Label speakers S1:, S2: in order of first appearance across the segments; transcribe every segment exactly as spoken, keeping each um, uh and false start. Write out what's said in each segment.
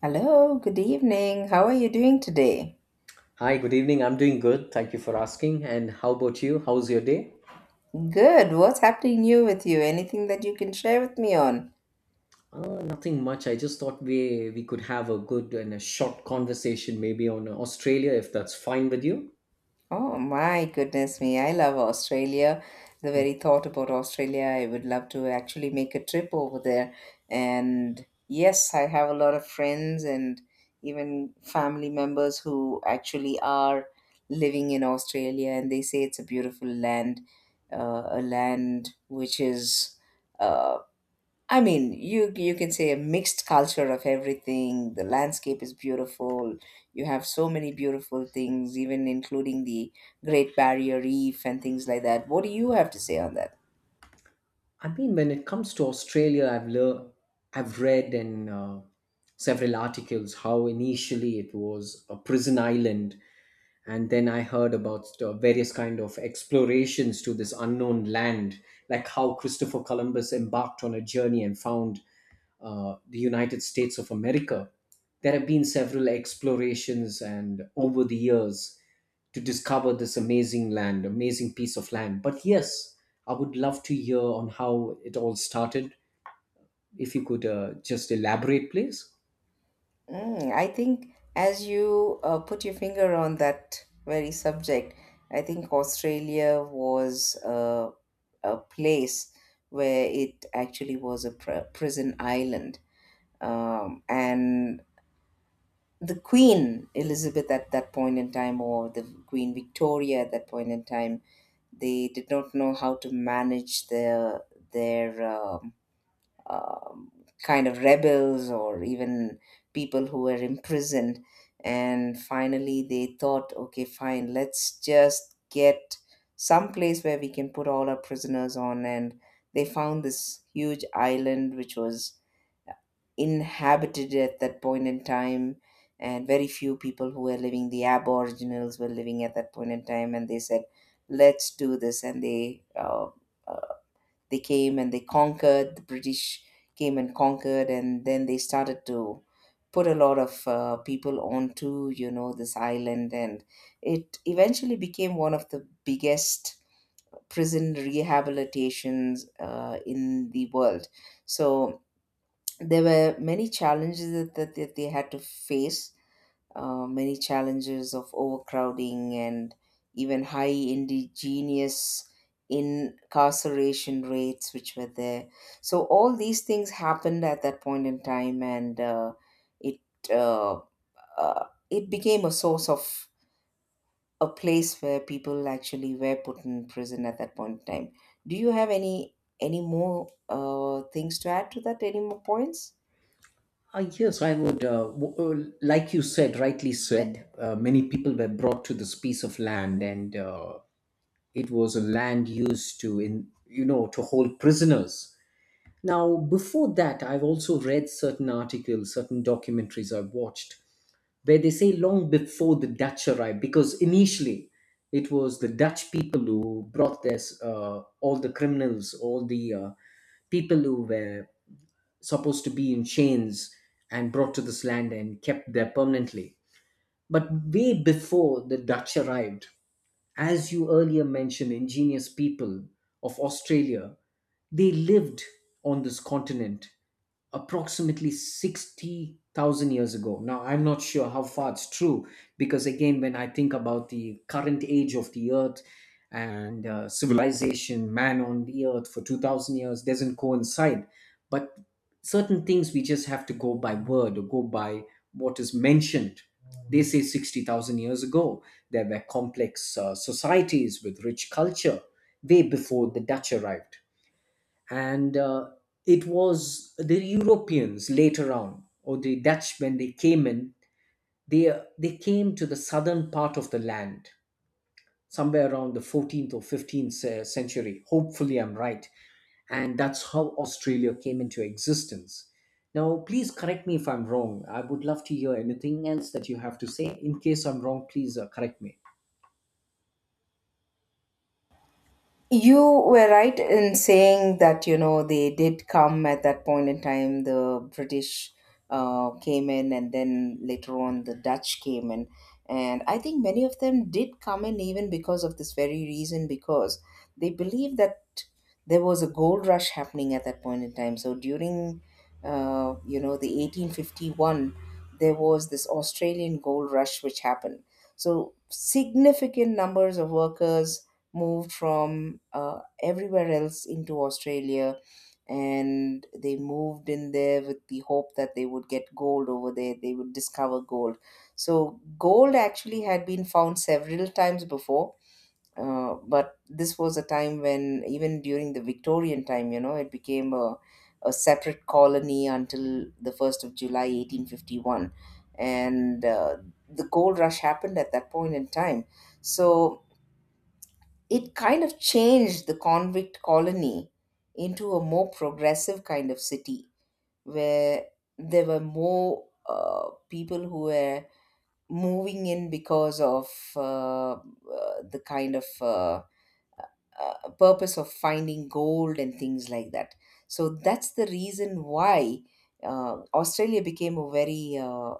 S1: Hello, good evening. How are you doing today?
S2: Hi, good evening. I'm doing good. Thank you for asking. And how about you? How's your day?
S1: Good. What's happening new with you? Anything that you can share with me on?
S2: Uh, nothing much. I just thought we we could have a good and a short conversation maybe on Australia if that's fine with you.
S1: Oh my goodness me. I love Australia. The very thought about Australia, I would love to actually make a trip over there. And yes, I have a lot of friends and even family members who actually are living in Australia, and they say it's a beautiful land, uh, a land which is. uh, I mean, you you can say a mixed culture of everything. The landscape is beautiful. You have so many beautiful things, even including the Great Barrier Reef and things like that. What do you have to say on that?
S2: I mean, when it comes to Australia, I've lear- I've read in uh, several articles how initially it was a prison island, and then I heard about uh, various kind of explorations to this unknown land, like how Christopher Columbus embarked on a journey and found uh, the United States of America. There have been several explorations, and over the years, to discover this amazing land, amazing piece of land. But yes, I would love to hear on how it all started. If you could uh, just elaborate, please.
S1: Mm, I think as you uh, put your finger on that very subject, I think Australia was a, a place where it actually was a pr- prison island. Um, and the Queen Elizabeth at that point in time, or the Queen Victoria at that point in time, they did not know how to manage their their um, um, kind of rebels or even people who were imprisoned. And finally, they thought, okay, fine, let's just get some place where we can put all our prisoners on. And they found this huge island, which was inhabited at that point in time, and very few people who were living, the aboriginals, were living at that point in time, and they said let's do this, and they uh, uh, they came and they conquered. The British came and conquered, and then they started to put a lot of uh, people onto, you know, this island, and it eventually became one of the biggest prison rehabilitations uh, in the world. So there were many challenges that, that, that they had to face, uh, many challenges of overcrowding and even high indigenous incarceration rates which were there. So all these things happened at that point in time, and uh, it uh, uh, it became a source of a place where people actually were put in prison at that point in time. Do you have any any more uh, things to add to that, any more points?
S2: Uh, yes, I would. Uh, w- uh, like you said, rightly said, uh, many people were brought to this piece of land, and uh, it was a land used to, in you know, to hold prisoners. Now, before that, I've also read certain articles, certain documentaries I've watched where they say long before the Dutch arrived, because initially it was the Dutch people who brought this, uh, all the criminals, all the uh, people who were supposed to be in chains and brought to this land and kept there permanently. But way before the Dutch arrived, as you earlier mentioned, ingenious people of Australia, they lived on this continent approximately sixty thousand years ago. Now, I'm not sure how far it's true because, again, when I think about the current age of the earth and uh, civilization, man on the earth for two thousand years doesn't coincide. But certain things we just have to go by word or go by what is mentioned. They say sixty thousand years ago there were complex uh, societies with rich culture way before the Dutch arrived. And uh, it was the Europeans later on, or the Dutch when they came in, they, uh, they came to the southern part of the land somewhere around the fourteenth or fifteenth ce- century. Hopefully, I'm right. And that's how Australia came into existence. Now, please correct me if I'm wrong. I would love to hear anything else that you have to say. In case I'm wrong, please uh, correct me.
S1: You were right in saying that, you know, they did come at that point in time. The British uh, came in, and then later on, the Dutch came in. And I think many of them did come in even because of this very reason, because they believed that there was a gold rush happening at that point in time. So during, uh, you know, the eighteen fifty-one, there was this Australian gold rush which happened. So significant numbers of workers moved from uh, everywhere else into Australia, and they moved in there with the hope that they would get gold over there, they would discover gold. So, gold actually had been found several times before. Uh, but this was a time when, even during the Victorian time, you know, it became a, a separate colony until the first of July eighteen fifty-one. And uh, the gold rush happened at that point in time. So it kind of changed the convict colony into a more progressive kind of city where there were more uh, people who were moving in because of uh, uh, the kind of uh, uh, purpose of finding gold and things like that. So that's the reason why uh, Australia became a very uh,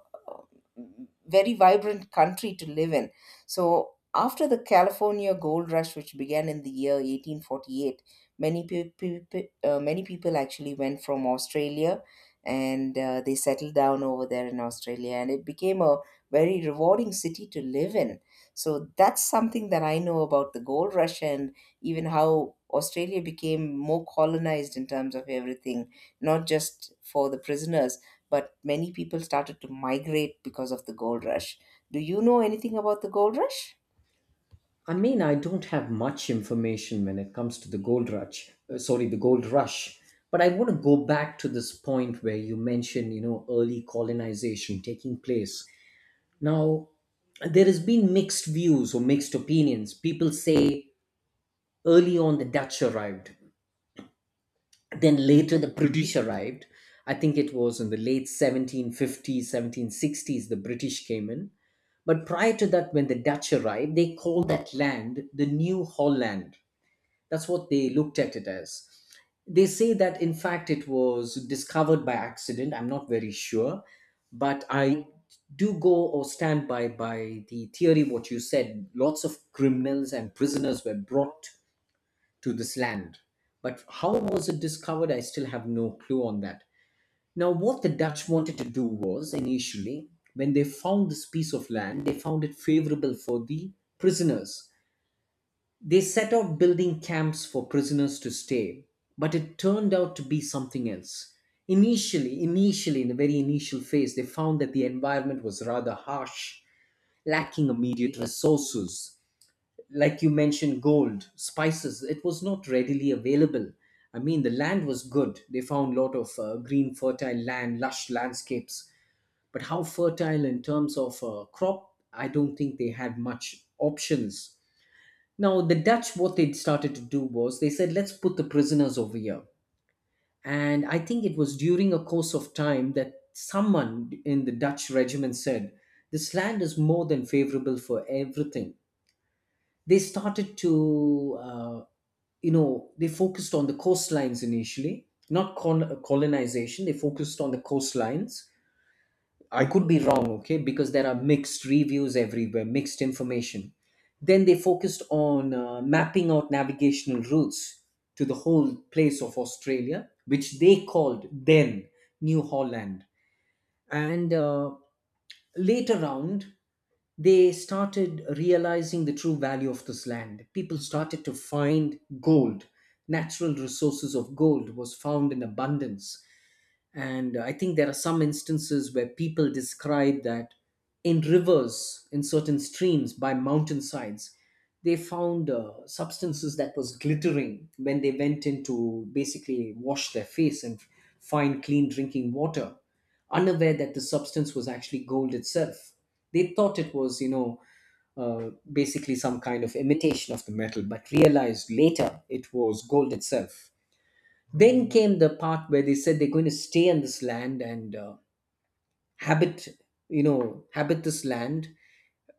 S1: very vibrant country to live in. So after the California gold rush, which began in the year eighteen forty-eight, many people uh, many people actually went from Australia, and uh, they settled down over there in Australia, and it became a very rewarding city to live in. So that's something that I know about the gold rush, and even how Australia became more colonized in terms of everything, not just for the prisoners, but many people started to migrate because of the gold rush. Do you know anything about the gold rush?
S2: I mean, I don't have much information when it comes to the gold rush. Uh, sorry, the gold rush. But I want to go back to this point where you mentioned, you know, early colonization taking place. Now, there has been mixed views or mixed opinions. People say early on the Dutch arrived, then later the British arrived. I think it was in the late seventeen fifties, seventeen sixties the British came in. But prior to that, when the Dutch arrived, they called that land the New Holland. That's what they looked at it as. They say that, in fact, it was discovered by accident. I'm not very sure, but I do go or stand by by the theory what you said. Lots of criminals and prisoners were brought to this land, but how was it discovered? I still have no clue on that. Now, what the Dutch wanted to do was initially, when they found this piece of land, they found it favorable for the prisoners. They set out building camps for prisoners to stay, but it turned out to be something else. Initially, initially, in the very initial phase, they found that the environment was rather harsh, lacking immediate resources. Like you mentioned, gold, spices, it was not readily available. I mean, the land was good. They found a lot of uh, green, fertile land, lush landscapes. But how fertile in terms of uh, crop, I don't think they had much options. Now, the Dutch, what they started to do was they said, let's put the prisoners over here. And I think it was during a course of time that someone in the Dutch regiment said, this land is more than favorable for everything. They started to, uh, you know, they focused on the coastlines initially, not col- uh, colonization, they focused on the coastlines. I could be wrong, okay, because there are mixed reviews everywhere, mixed information. Then they focused on uh, mapping out navigational routes to the whole place of Australia, which they called then New Holland. And uh, later on, they started realizing the true value of this land. People started to find gold. Natural resources of gold was found in abundance. And I think there are some instances where people describe that in rivers, in certain streams, by mountainsides, they found uh, substances that was glittering when they went in to basically wash their face and find clean drinking water, unaware that the substance was actually gold itself. They thought it was, you know, uh, basically some kind of imitation of the metal, but realized later it was gold itself. Then came the part where they said they're going to stay on this land, and uh, habit you know habit this land,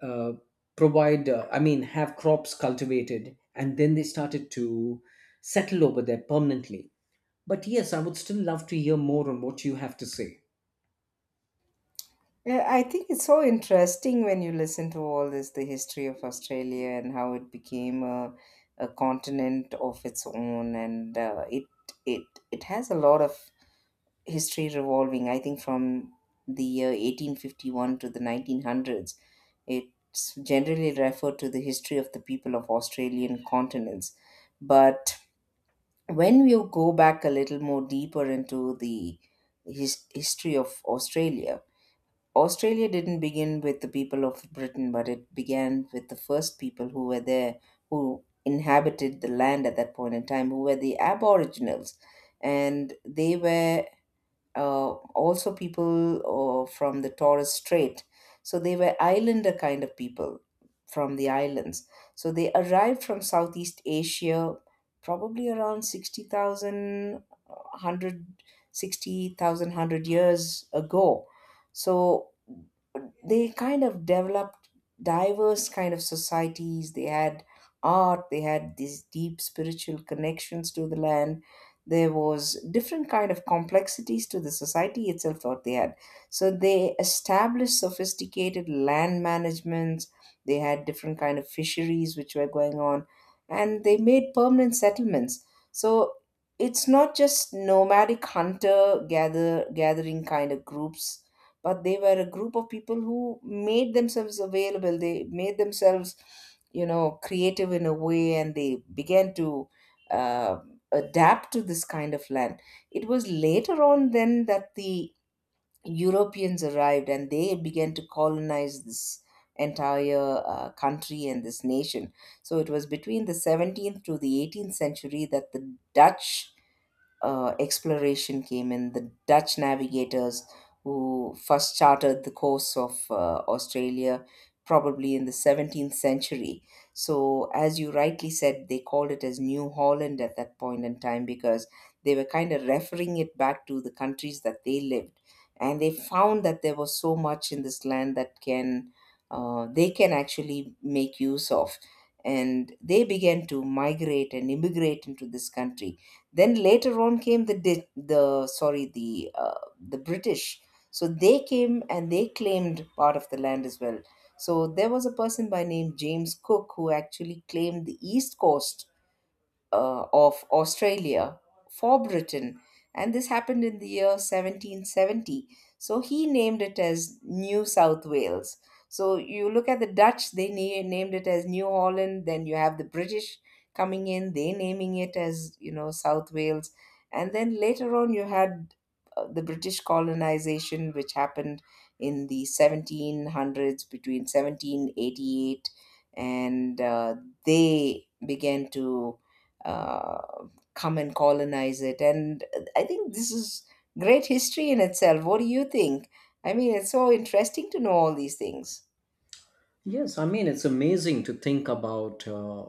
S2: uh, provide uh, I mean have crops cultivated, and then they started to settle over there permanently. But yes, I would still love to hear more on what you have to say.
S1: Yeah, I think it's so interesting when you listen to all this, the history of Australia and how it became a, a continent of its own, and uh, it it it has a lot of history revolving, I think, from the year eighteen fifty-one to the nineteen hundreds. It's generally referred to the history of the people of Australian continents. But when we go back a little more deeper into the his- history of Australia, Australia didn't begin with the people of Britain, but it began with the first people who were there, who inhabited the land at that point in time, who were the Aboriginals. And they were uh, also people uh, from the Torres Strait. So they were islander kind of people from the islands. So they arrived from Southeast Asia, probably around sixty thousand years ago. So they kind of developed diverse kind of societies. They had art, they had these deep spiritual connections to the land. There was different kind of complexities to the society itself. What they had, so they established sophisticated land managements. They had different kind of fisheries which were going on, and they made permanent settlements. So it's not just nomadic hunter gather gathering kind of groups, but they were a group of people who made themselves available. They made themselves, you know, creative in a way, and they began to uh, adapt to this kind of land. It was later on then that the Europeans arrived and they began to colonize this entire uh, country and this nation. So it was between the seventeenth to the eighteenth century that the Dutch uh, exploration came in. The Dutch navigators who first charted the course of uh, Australia probably in the seventeenth century. So, as you rightly said, they called it as New Holland at that point in time because they were kind of referring it back to the countries that they lived. And they found that there was so much in this land that can uh, they can actually make use of. And they began to migrate and immigrate into this country. Then later on came the Di- the sorry the uh, the British. So they came and they claimed part of the land as well. So there was a person by name James Cook who actually claimed the east coast uh, of Australia for Britain, and this happened in the year seventeen seventy. So he named it as New South Wales. So you look at the Dutch, they na- named it as New Holland, then you have the British coming in, they naming it as, you know, South Wales. And then later on, you had uh, the British colonization, which happened in the seventeen hundreds between seventeen eighty-eight, and uh, they began to uh, come and colonize it. And I think this is great history in itself. What do you think? I mean, it's so interesting to know all these things.
S2: Yes, I mean, it's amazing to think about uh,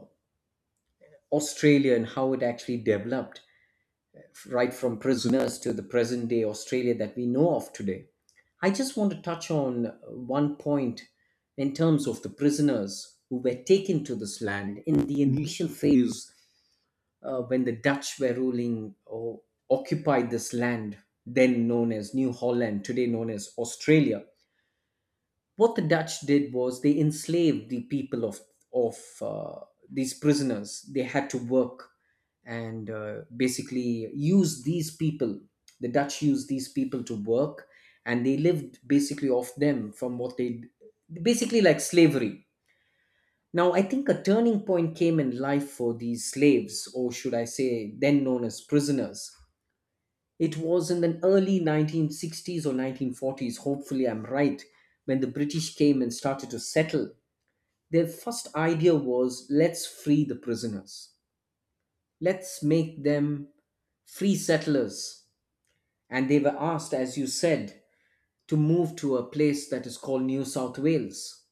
S2: Australia and how it actually developed right from prisoners to the present day Australia that we know of today. I just want to touch on one point in terms of the prisoners who were taken to this land in the initial phase uh, when the Dutch were ruling or occupied this land, then known as New Holland, today known as Australia. What the Dutch did was they enslaved the people of of uh, these prisoners. They had to work and uh, basically use these people. The Dutch used these people to work, and they lived basically off them from what they basically like slavery. Now, I think a turning point came in life for these slaves, or should I say, then known as prisoners, it was in the early nineteen sixties or nineteen forties, hopefully I'm right, when the British came and started to settle. Their first idea was let's free the prisoners, let's make them free settlers. And they were asked, as you said, to move to a place that is called New South Wales.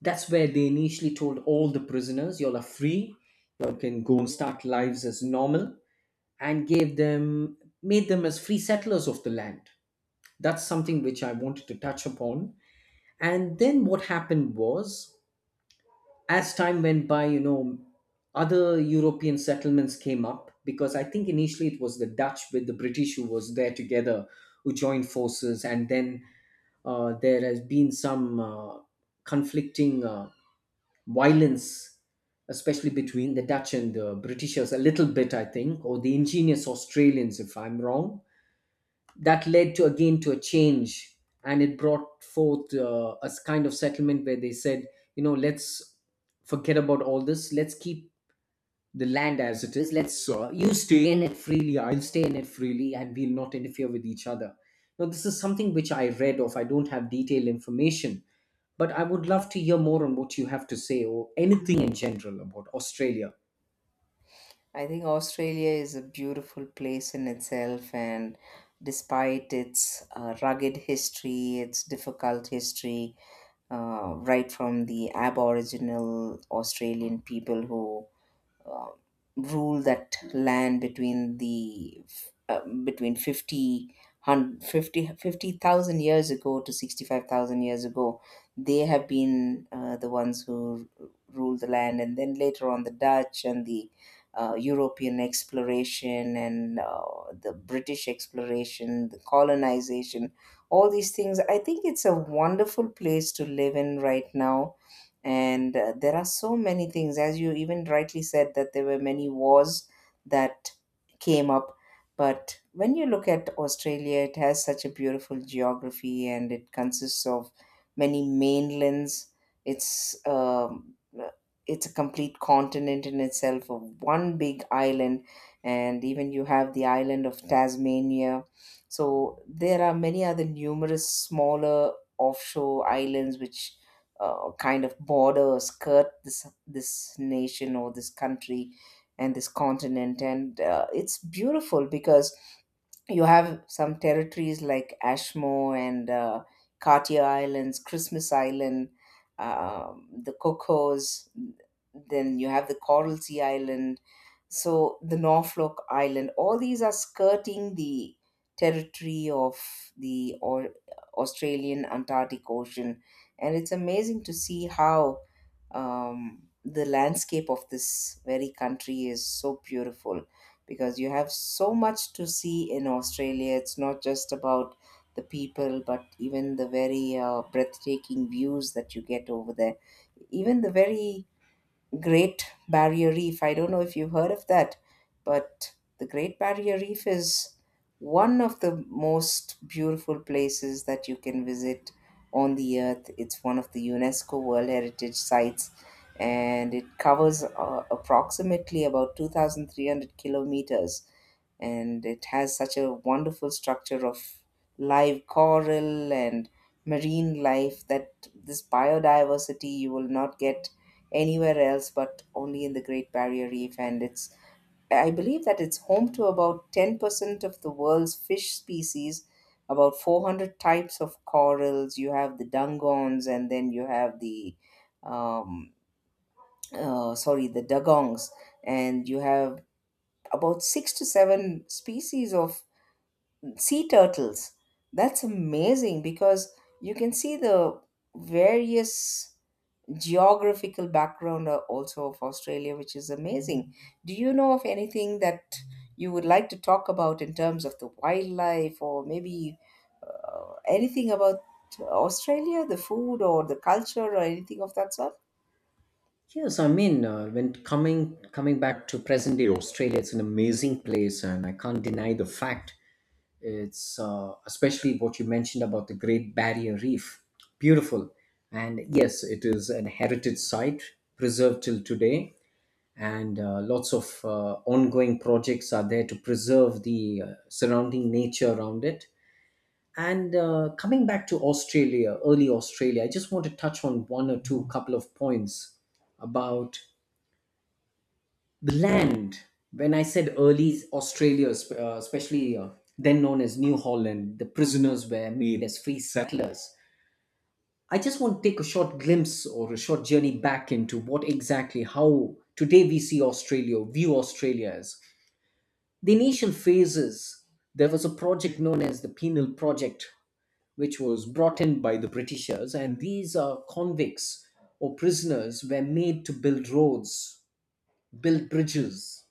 S2: That's where they initially told all the prisoners, you all are free, you all can go and start lives as normal, and gave them, made them as free settlers of the land. That's something which I wanted to touch upon. And then what happened was, as time went by, you know, other European settlements came up, because I think initially it was the Dutch with the British who was there together, who joined forces, and then uh, there has been some uh, conflicting uh, violence, especially between the Dutch and the Britishers, a little bit I think, or the ingenious Australians if I'm wrong, that led to again to a change. And it brought forth uh, a s- kind of settlement where they said, you know, let's forget about all this, let's keep the land as it is, let's uh, you stay in it freely, I'll stay in it freely, and we'll not interfere with each other. Now this is something which I read of, I don't have detailed information, but I would love to hear more on what you have to say or anything in general about Australia.
S1: I think Australia is a beautiful place in itself, and despite its uh, rugged history, its difficult history, uh, right from the Aboriginal Australian people who uh, rule that land between the uh, between 50 hun- fifty fifty thousand years ago to sixty-five thousand years ago, they have been uh, the ones who r- ruled the land, and then later on the Dutch and the uh, European exploration and uh, the British exploration, the colonization, all these things. I think it's a wonderful place to live in right now, and uh, there are so many things, as you even rightly said, that there were many wars that came up. But when you look at Australia, it has such a beautiful geography, and it consists of many mainlands. it's um, it's a complete continent in itself of one big island, and even you have the island of Tasmania. So there are many other numerous smaller offshore islands which uh, kind of border, skirt this this nation or this country and this continent. And uh, it's beautiful because you have some territories like Ashmore and uh, Cartier Islands, Christmas Island, um, the Cocos. Then you have the Coral Sea Island, so the Norfolk Island. All these are skirting the territory of the or- Australian Antarctic Ocean, and it's amazing to see how um, the landscape of this very country is so beautiful, because you have so much to see in Australia. It's not just about the people, but even the very uh, breathtaking views that you get over there. Even the very Great Barrier Reef. I don't know if you've heard of that, but the Great Barrier Reef is one of the most beautiful places that you can visit on the earth. It's one of the UNESCO World Heritage Sites, and it covers uh, approximately about two thousand three hundred kilometers. And it has such a wonderful structure of live coral and marine life, that this biodiversity you will not get anywhere else but only in the Great Barrier Reef. And it's, I believe that it's home to about ten percent of the world's fish species, about four hundred types of corals. You have the dungons, and then you have the, um, uh, sorry, the dugongs, and you have about six to seven species of sea turtles. That's amazing because you can see the various geographical background uh, also of Australia, which is amazing. Do you know of anything that you would like to talk about in terms of the wildlife, or maybe anything about Australia, the food or the culture or anything of that sort?
S2: Yes, I mean, uh, when coming coming back to present day Australia, it's an amazing place, and I can't deny the fact. It's uh, especially what you mentioned about the Great Barrier Reef, beautiful, and yes, it is an heritage site preserved till today, and uh, lots of uh, ongoing projects are there to preserve the uh, surrounding nature around it. And uh, coming back to Australia, early Australia, I just want to touch on one or two couple of points about the land. When I said early Australia, sp- uh, especially uh, then known as New Holland, the prisoners were made as free settlers. I just want to take a short glimpse or a short journey back into what exactly how today we see Australia, view Australia as. The initial phases, there was a project known as the Penal Project which was brought in by the Britishers, and these uh, convicts or prisoners were made to build roads, build bridges,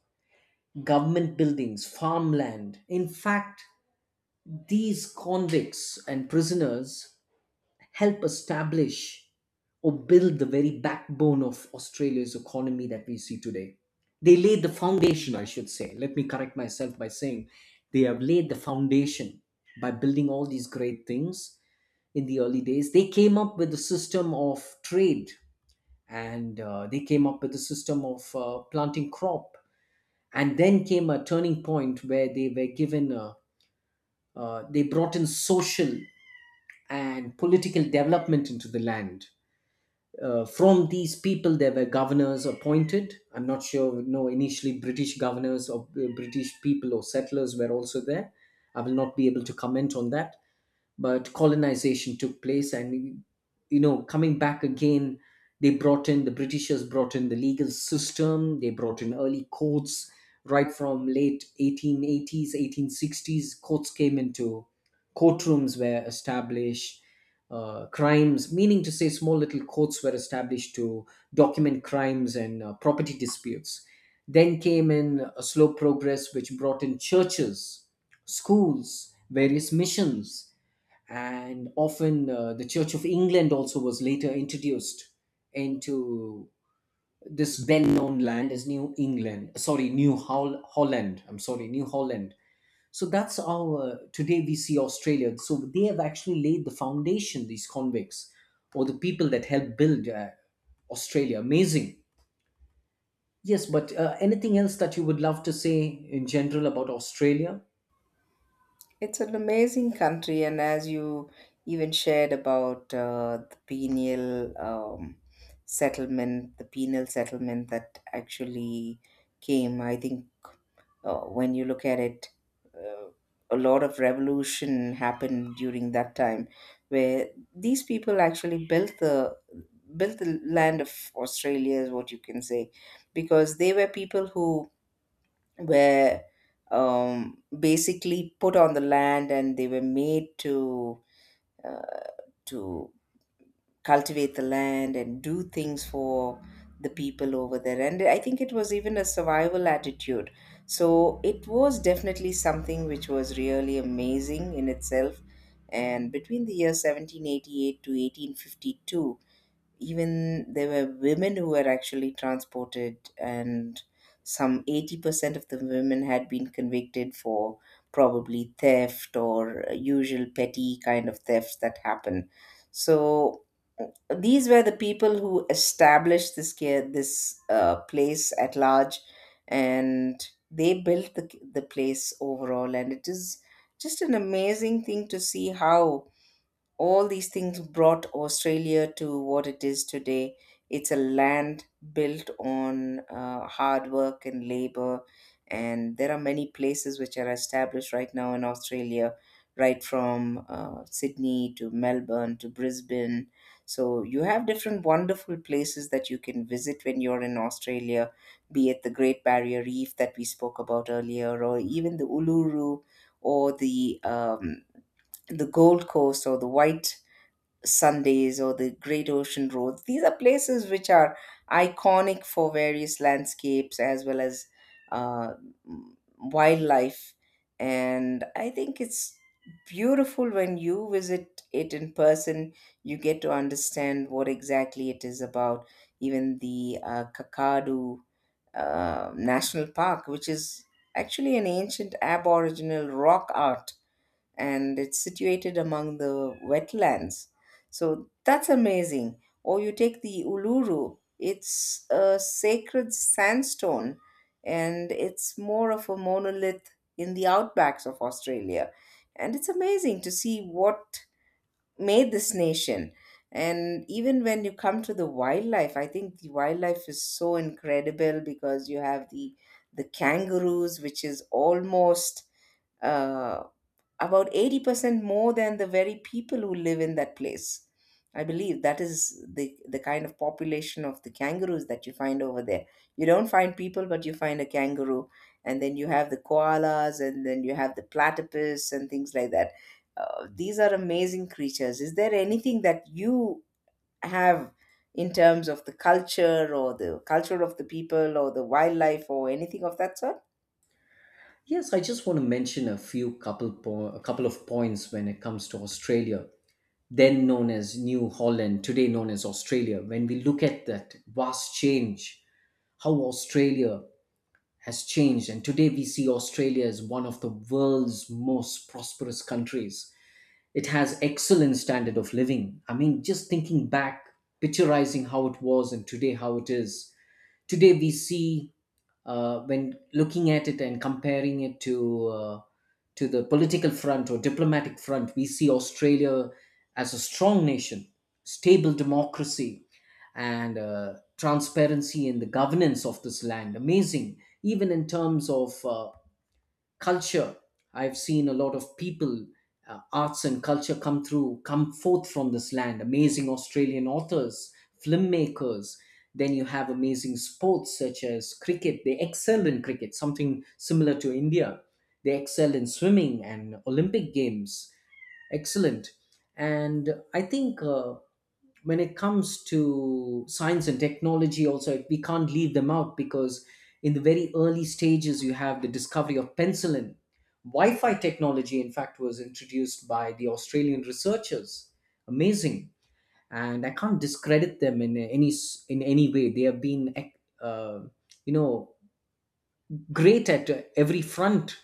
S2: government buildings, farmland. In fact, these convicts and prisoners help establish or build the very backbone of Australia's economy that we see today. They laid the foundation, I should say. Let me correct myself by saying they have laid the foundation by building all these great things. In the early days they came up with a system of trade, and uh, they came up with a system of uh, planting crop, and then came a turning point where they were given a. Uh, they brought in social and political development into the land. Uh, from these people there were governors appointed. I'm not sure, no, initially British governors or uh, British people or settlers were also there. I will not be able to comment on that, but colonization took place. And you know coming back again, they brought in the britishers brought in the legal system, they brought in early courts right from late eighteen eighties, eighteen sixties. Courts came into— courtrooms were established. Uh, crimes, meaning to say, small little courts were established to document crimes and uh, property disputes. Then came in a slow progress which brought in churches, schools, various missions. And often uh, the Church of England also was later introduced into this well-known land as New England. Sorry, New Hol- Holland. I'm sorry, New Holland. So that's how uh, today we see Australia. So they have actually laid the foundation. These convicts, or the people that helped build uh, Australia, amazing. Yes, but uh, anything else that you would love to say in general about Australia?
S1: It's an amazing country, and as you even shared about uh, the penal um, settlement, the penal settlement that actually came, I think, uh, when you look at it, uh, a lot of revolution happened during that time, where these people actually built the built the land of Australia, is what you can say, because they were people who were, um, basically put on the land, and they were made to uh, to cultivate the land and do things for the people over there. And I think it was even a survival attitude, so it was definitely something which was really amazing in itself. And between the year seventeen eighty-eight to eighteen fifty-two, even there were women who were actually transported, and some eighty percent of the women had been convicted for probably theft or usual petty kind of thefts that happen. So these were the people who established this care, this, uh, place at large, and they built the the place overall. And it is just an amazing thing to see how all these things brought Australia to what it is today. It's a land built on uh, hard work and labor, and there are many places which are established right now in Australia, right from uh, Sydney to Melbourne to Brisbane. So you have different wonderful places that you can visit when you're in Australia, be it the Great Barrier Reef that we spoke about earlier, or even the Uluru, or the um, the Gold Coast or the White Sundays or the Great Ocean Road. These are places which are iconic for various landscapes as well as uh, wildlife. And I think it's beautiful when you visit it in person. You get to understand what exactly it is about. Even the uh, Kakadu uh, National Park, which is actually an ancient Aboriginal rock art, and it's situated among the wetlands. So that's amazing. Or you take the Uluru, it's a sacred sandstone, and it's more of a monolith in the outbacks of Australia. And it's amazing to see what made this nation. And even when you come to the wildlife, I think the wildlife is so incredible because you have the the kangaroos, which is almost, uh, about eighty percent more than the very people who live in that place. I believe that is the, the kind of population of the kangaroos that you find over there. You don't find people, but you find a kangaroo. And then you have the koalas, and then you have the platypus, and things like that. Uh, these are amazing creatures. Is there anything that you have in terms of the culture, or the culture of the people, or the wildlife, or anything of that sort?
S2: Yes, I just want to mention a few couple po- a couple of points when it comes to Australia. Then known as New Holland, today known as Australia, when we look at that vast change, how Australia has changed, and today we see Australia as one of the world's most prosperous countries. It has excellent standard of living. I mean, just thinking back, picturizing how it was and today how it is. Today we see uh, when looking at it and comparing it to uh, to the political front or diplomatic front, we see Australia as a strong nation, stable democracy, and uh, transparency in the governance of this land. Amazing, even in terms of uh, culture. I've seen a lot of people, uh, arts and culture come through, come forth from this land. Amazing Australian authors, filmmakers. Then you have amazing sports such as cricket. They excel in cricket, something similar to India. They excel in swimming and Olympic Games. Excellent. And I think uh, when it comes to science and technology also, we can't leave them out, because in the very early stages you have the discovery of penicillin. Wi-fi technology, in fact, was introduced by the Australian researchers. Amazing. And I can't discredit them in any s- in any way. They have been eh, uh, you know great at every front.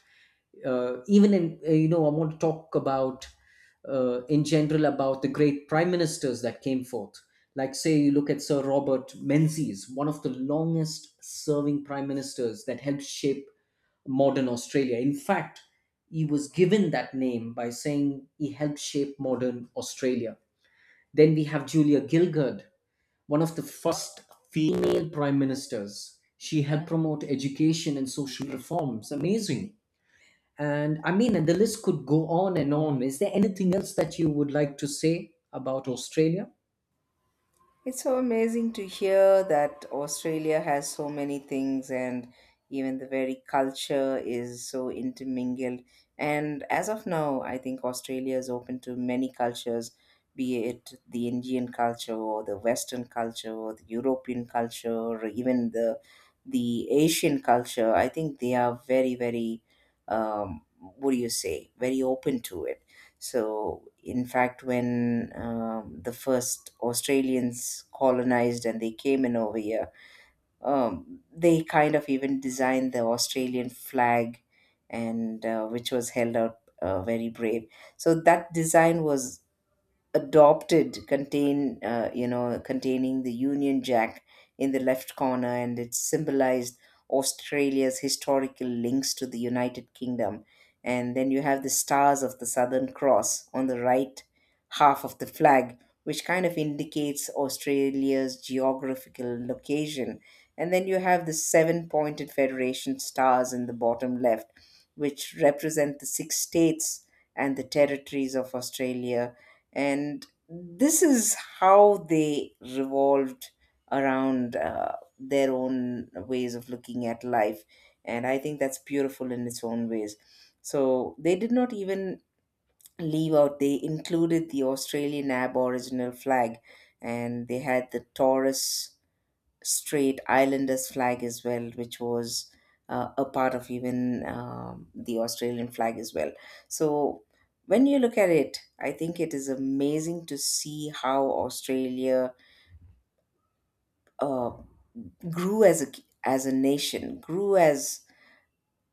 S2: uh, Even in— uh, you know I want to talk about uh, in general about the great prime ministers that came forth, like, say, you look at Sir Robert Menzies, one of the longest serving prime ministers, that helped shape modern Australia. In fact, he was given that name by saying he helped shape modern Australia. Then we have Julia Gillard, one of the first female prime ministers. She helped promote education and social reforms. Amazing. And I mean, and the list could go on and on. Is there anything else that you would like to say about Australia?
S1: It's so amazing to hear that Australia has so many things, and even the very culture is so intermingled. And as of now, I think Australia is open to many cultures, be it the Indian culture or the Western culture or the European culture or even the the Asian culture. I think they are very, very, um, what do you say, very open to it. So in fact, when, um, the first Australians colonized and they came in over here, um, they kind of even designed the Australian flag, and uh, which was held out, uh, very brave. So that design was adopted, contain, uh, you know containing the Union Jack in the left corner, and it symbolized Australia's historical links to the United Kingdom. And then you have the stars of the Southern Cross on the right half of the flag, which kind of indicates Australia's geographical location. And then you have the seven pointed federation stars in the bottom left, which represent the six states and the territories of Australia. And this is how they revolved around, uh, their own ways of looking at life, and I think that's beautiful in its own ways. So they did not even leave out, they included the Australian Aboriginal flag, and they had the Taurus Straight Islanders flag as well, which was uh, a part of even, um, the Australian flag as well. So when you look at it, I think it is amazing to see how Australia, uh, grew as a as a nation, grew as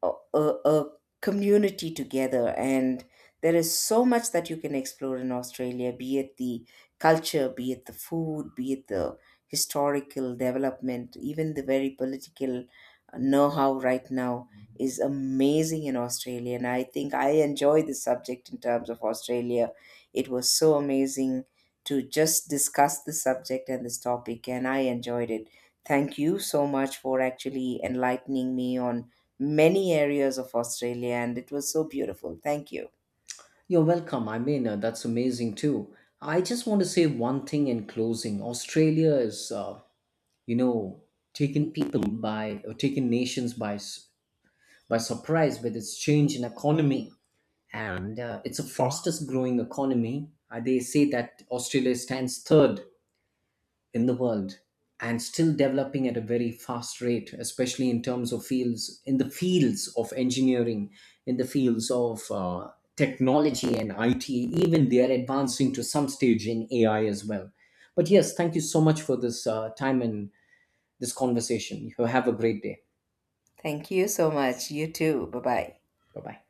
S1: a, a, a community together. And there is so much that you can explore in Australia, be it the culture, be it the food, be it the historical development, even the very political uh, know-how right now is amazing in Australia. And I think I enjoy this subject. In terms of Australia, it was so amazing to just discuss this subject and this topic, and I enjoyed it. Thank you so much for actually enlightening me on many areas of Australia, and it was so beautiful. Thank you.
S2: You're welcome. I mean, uh, that's amazing too. I just want to say one thing in closing. Australia is, uh, you know, taken people by, or taken nations by, s- by surprise with its change in economy. And uh, it's the fastest growing economy. Uh, they say that Australia stands third in the world and still developing at a very fast rate, especially in terms of fields, in the fields of engineering, in the fields of uh, technology and I T. Even they are advancing to some stage in A I as well. But yes, thank you so much for this uh, time and this conversation. You have a great day.
S1: Thank you so much. You too. Bye bye.
S2: Bye bye.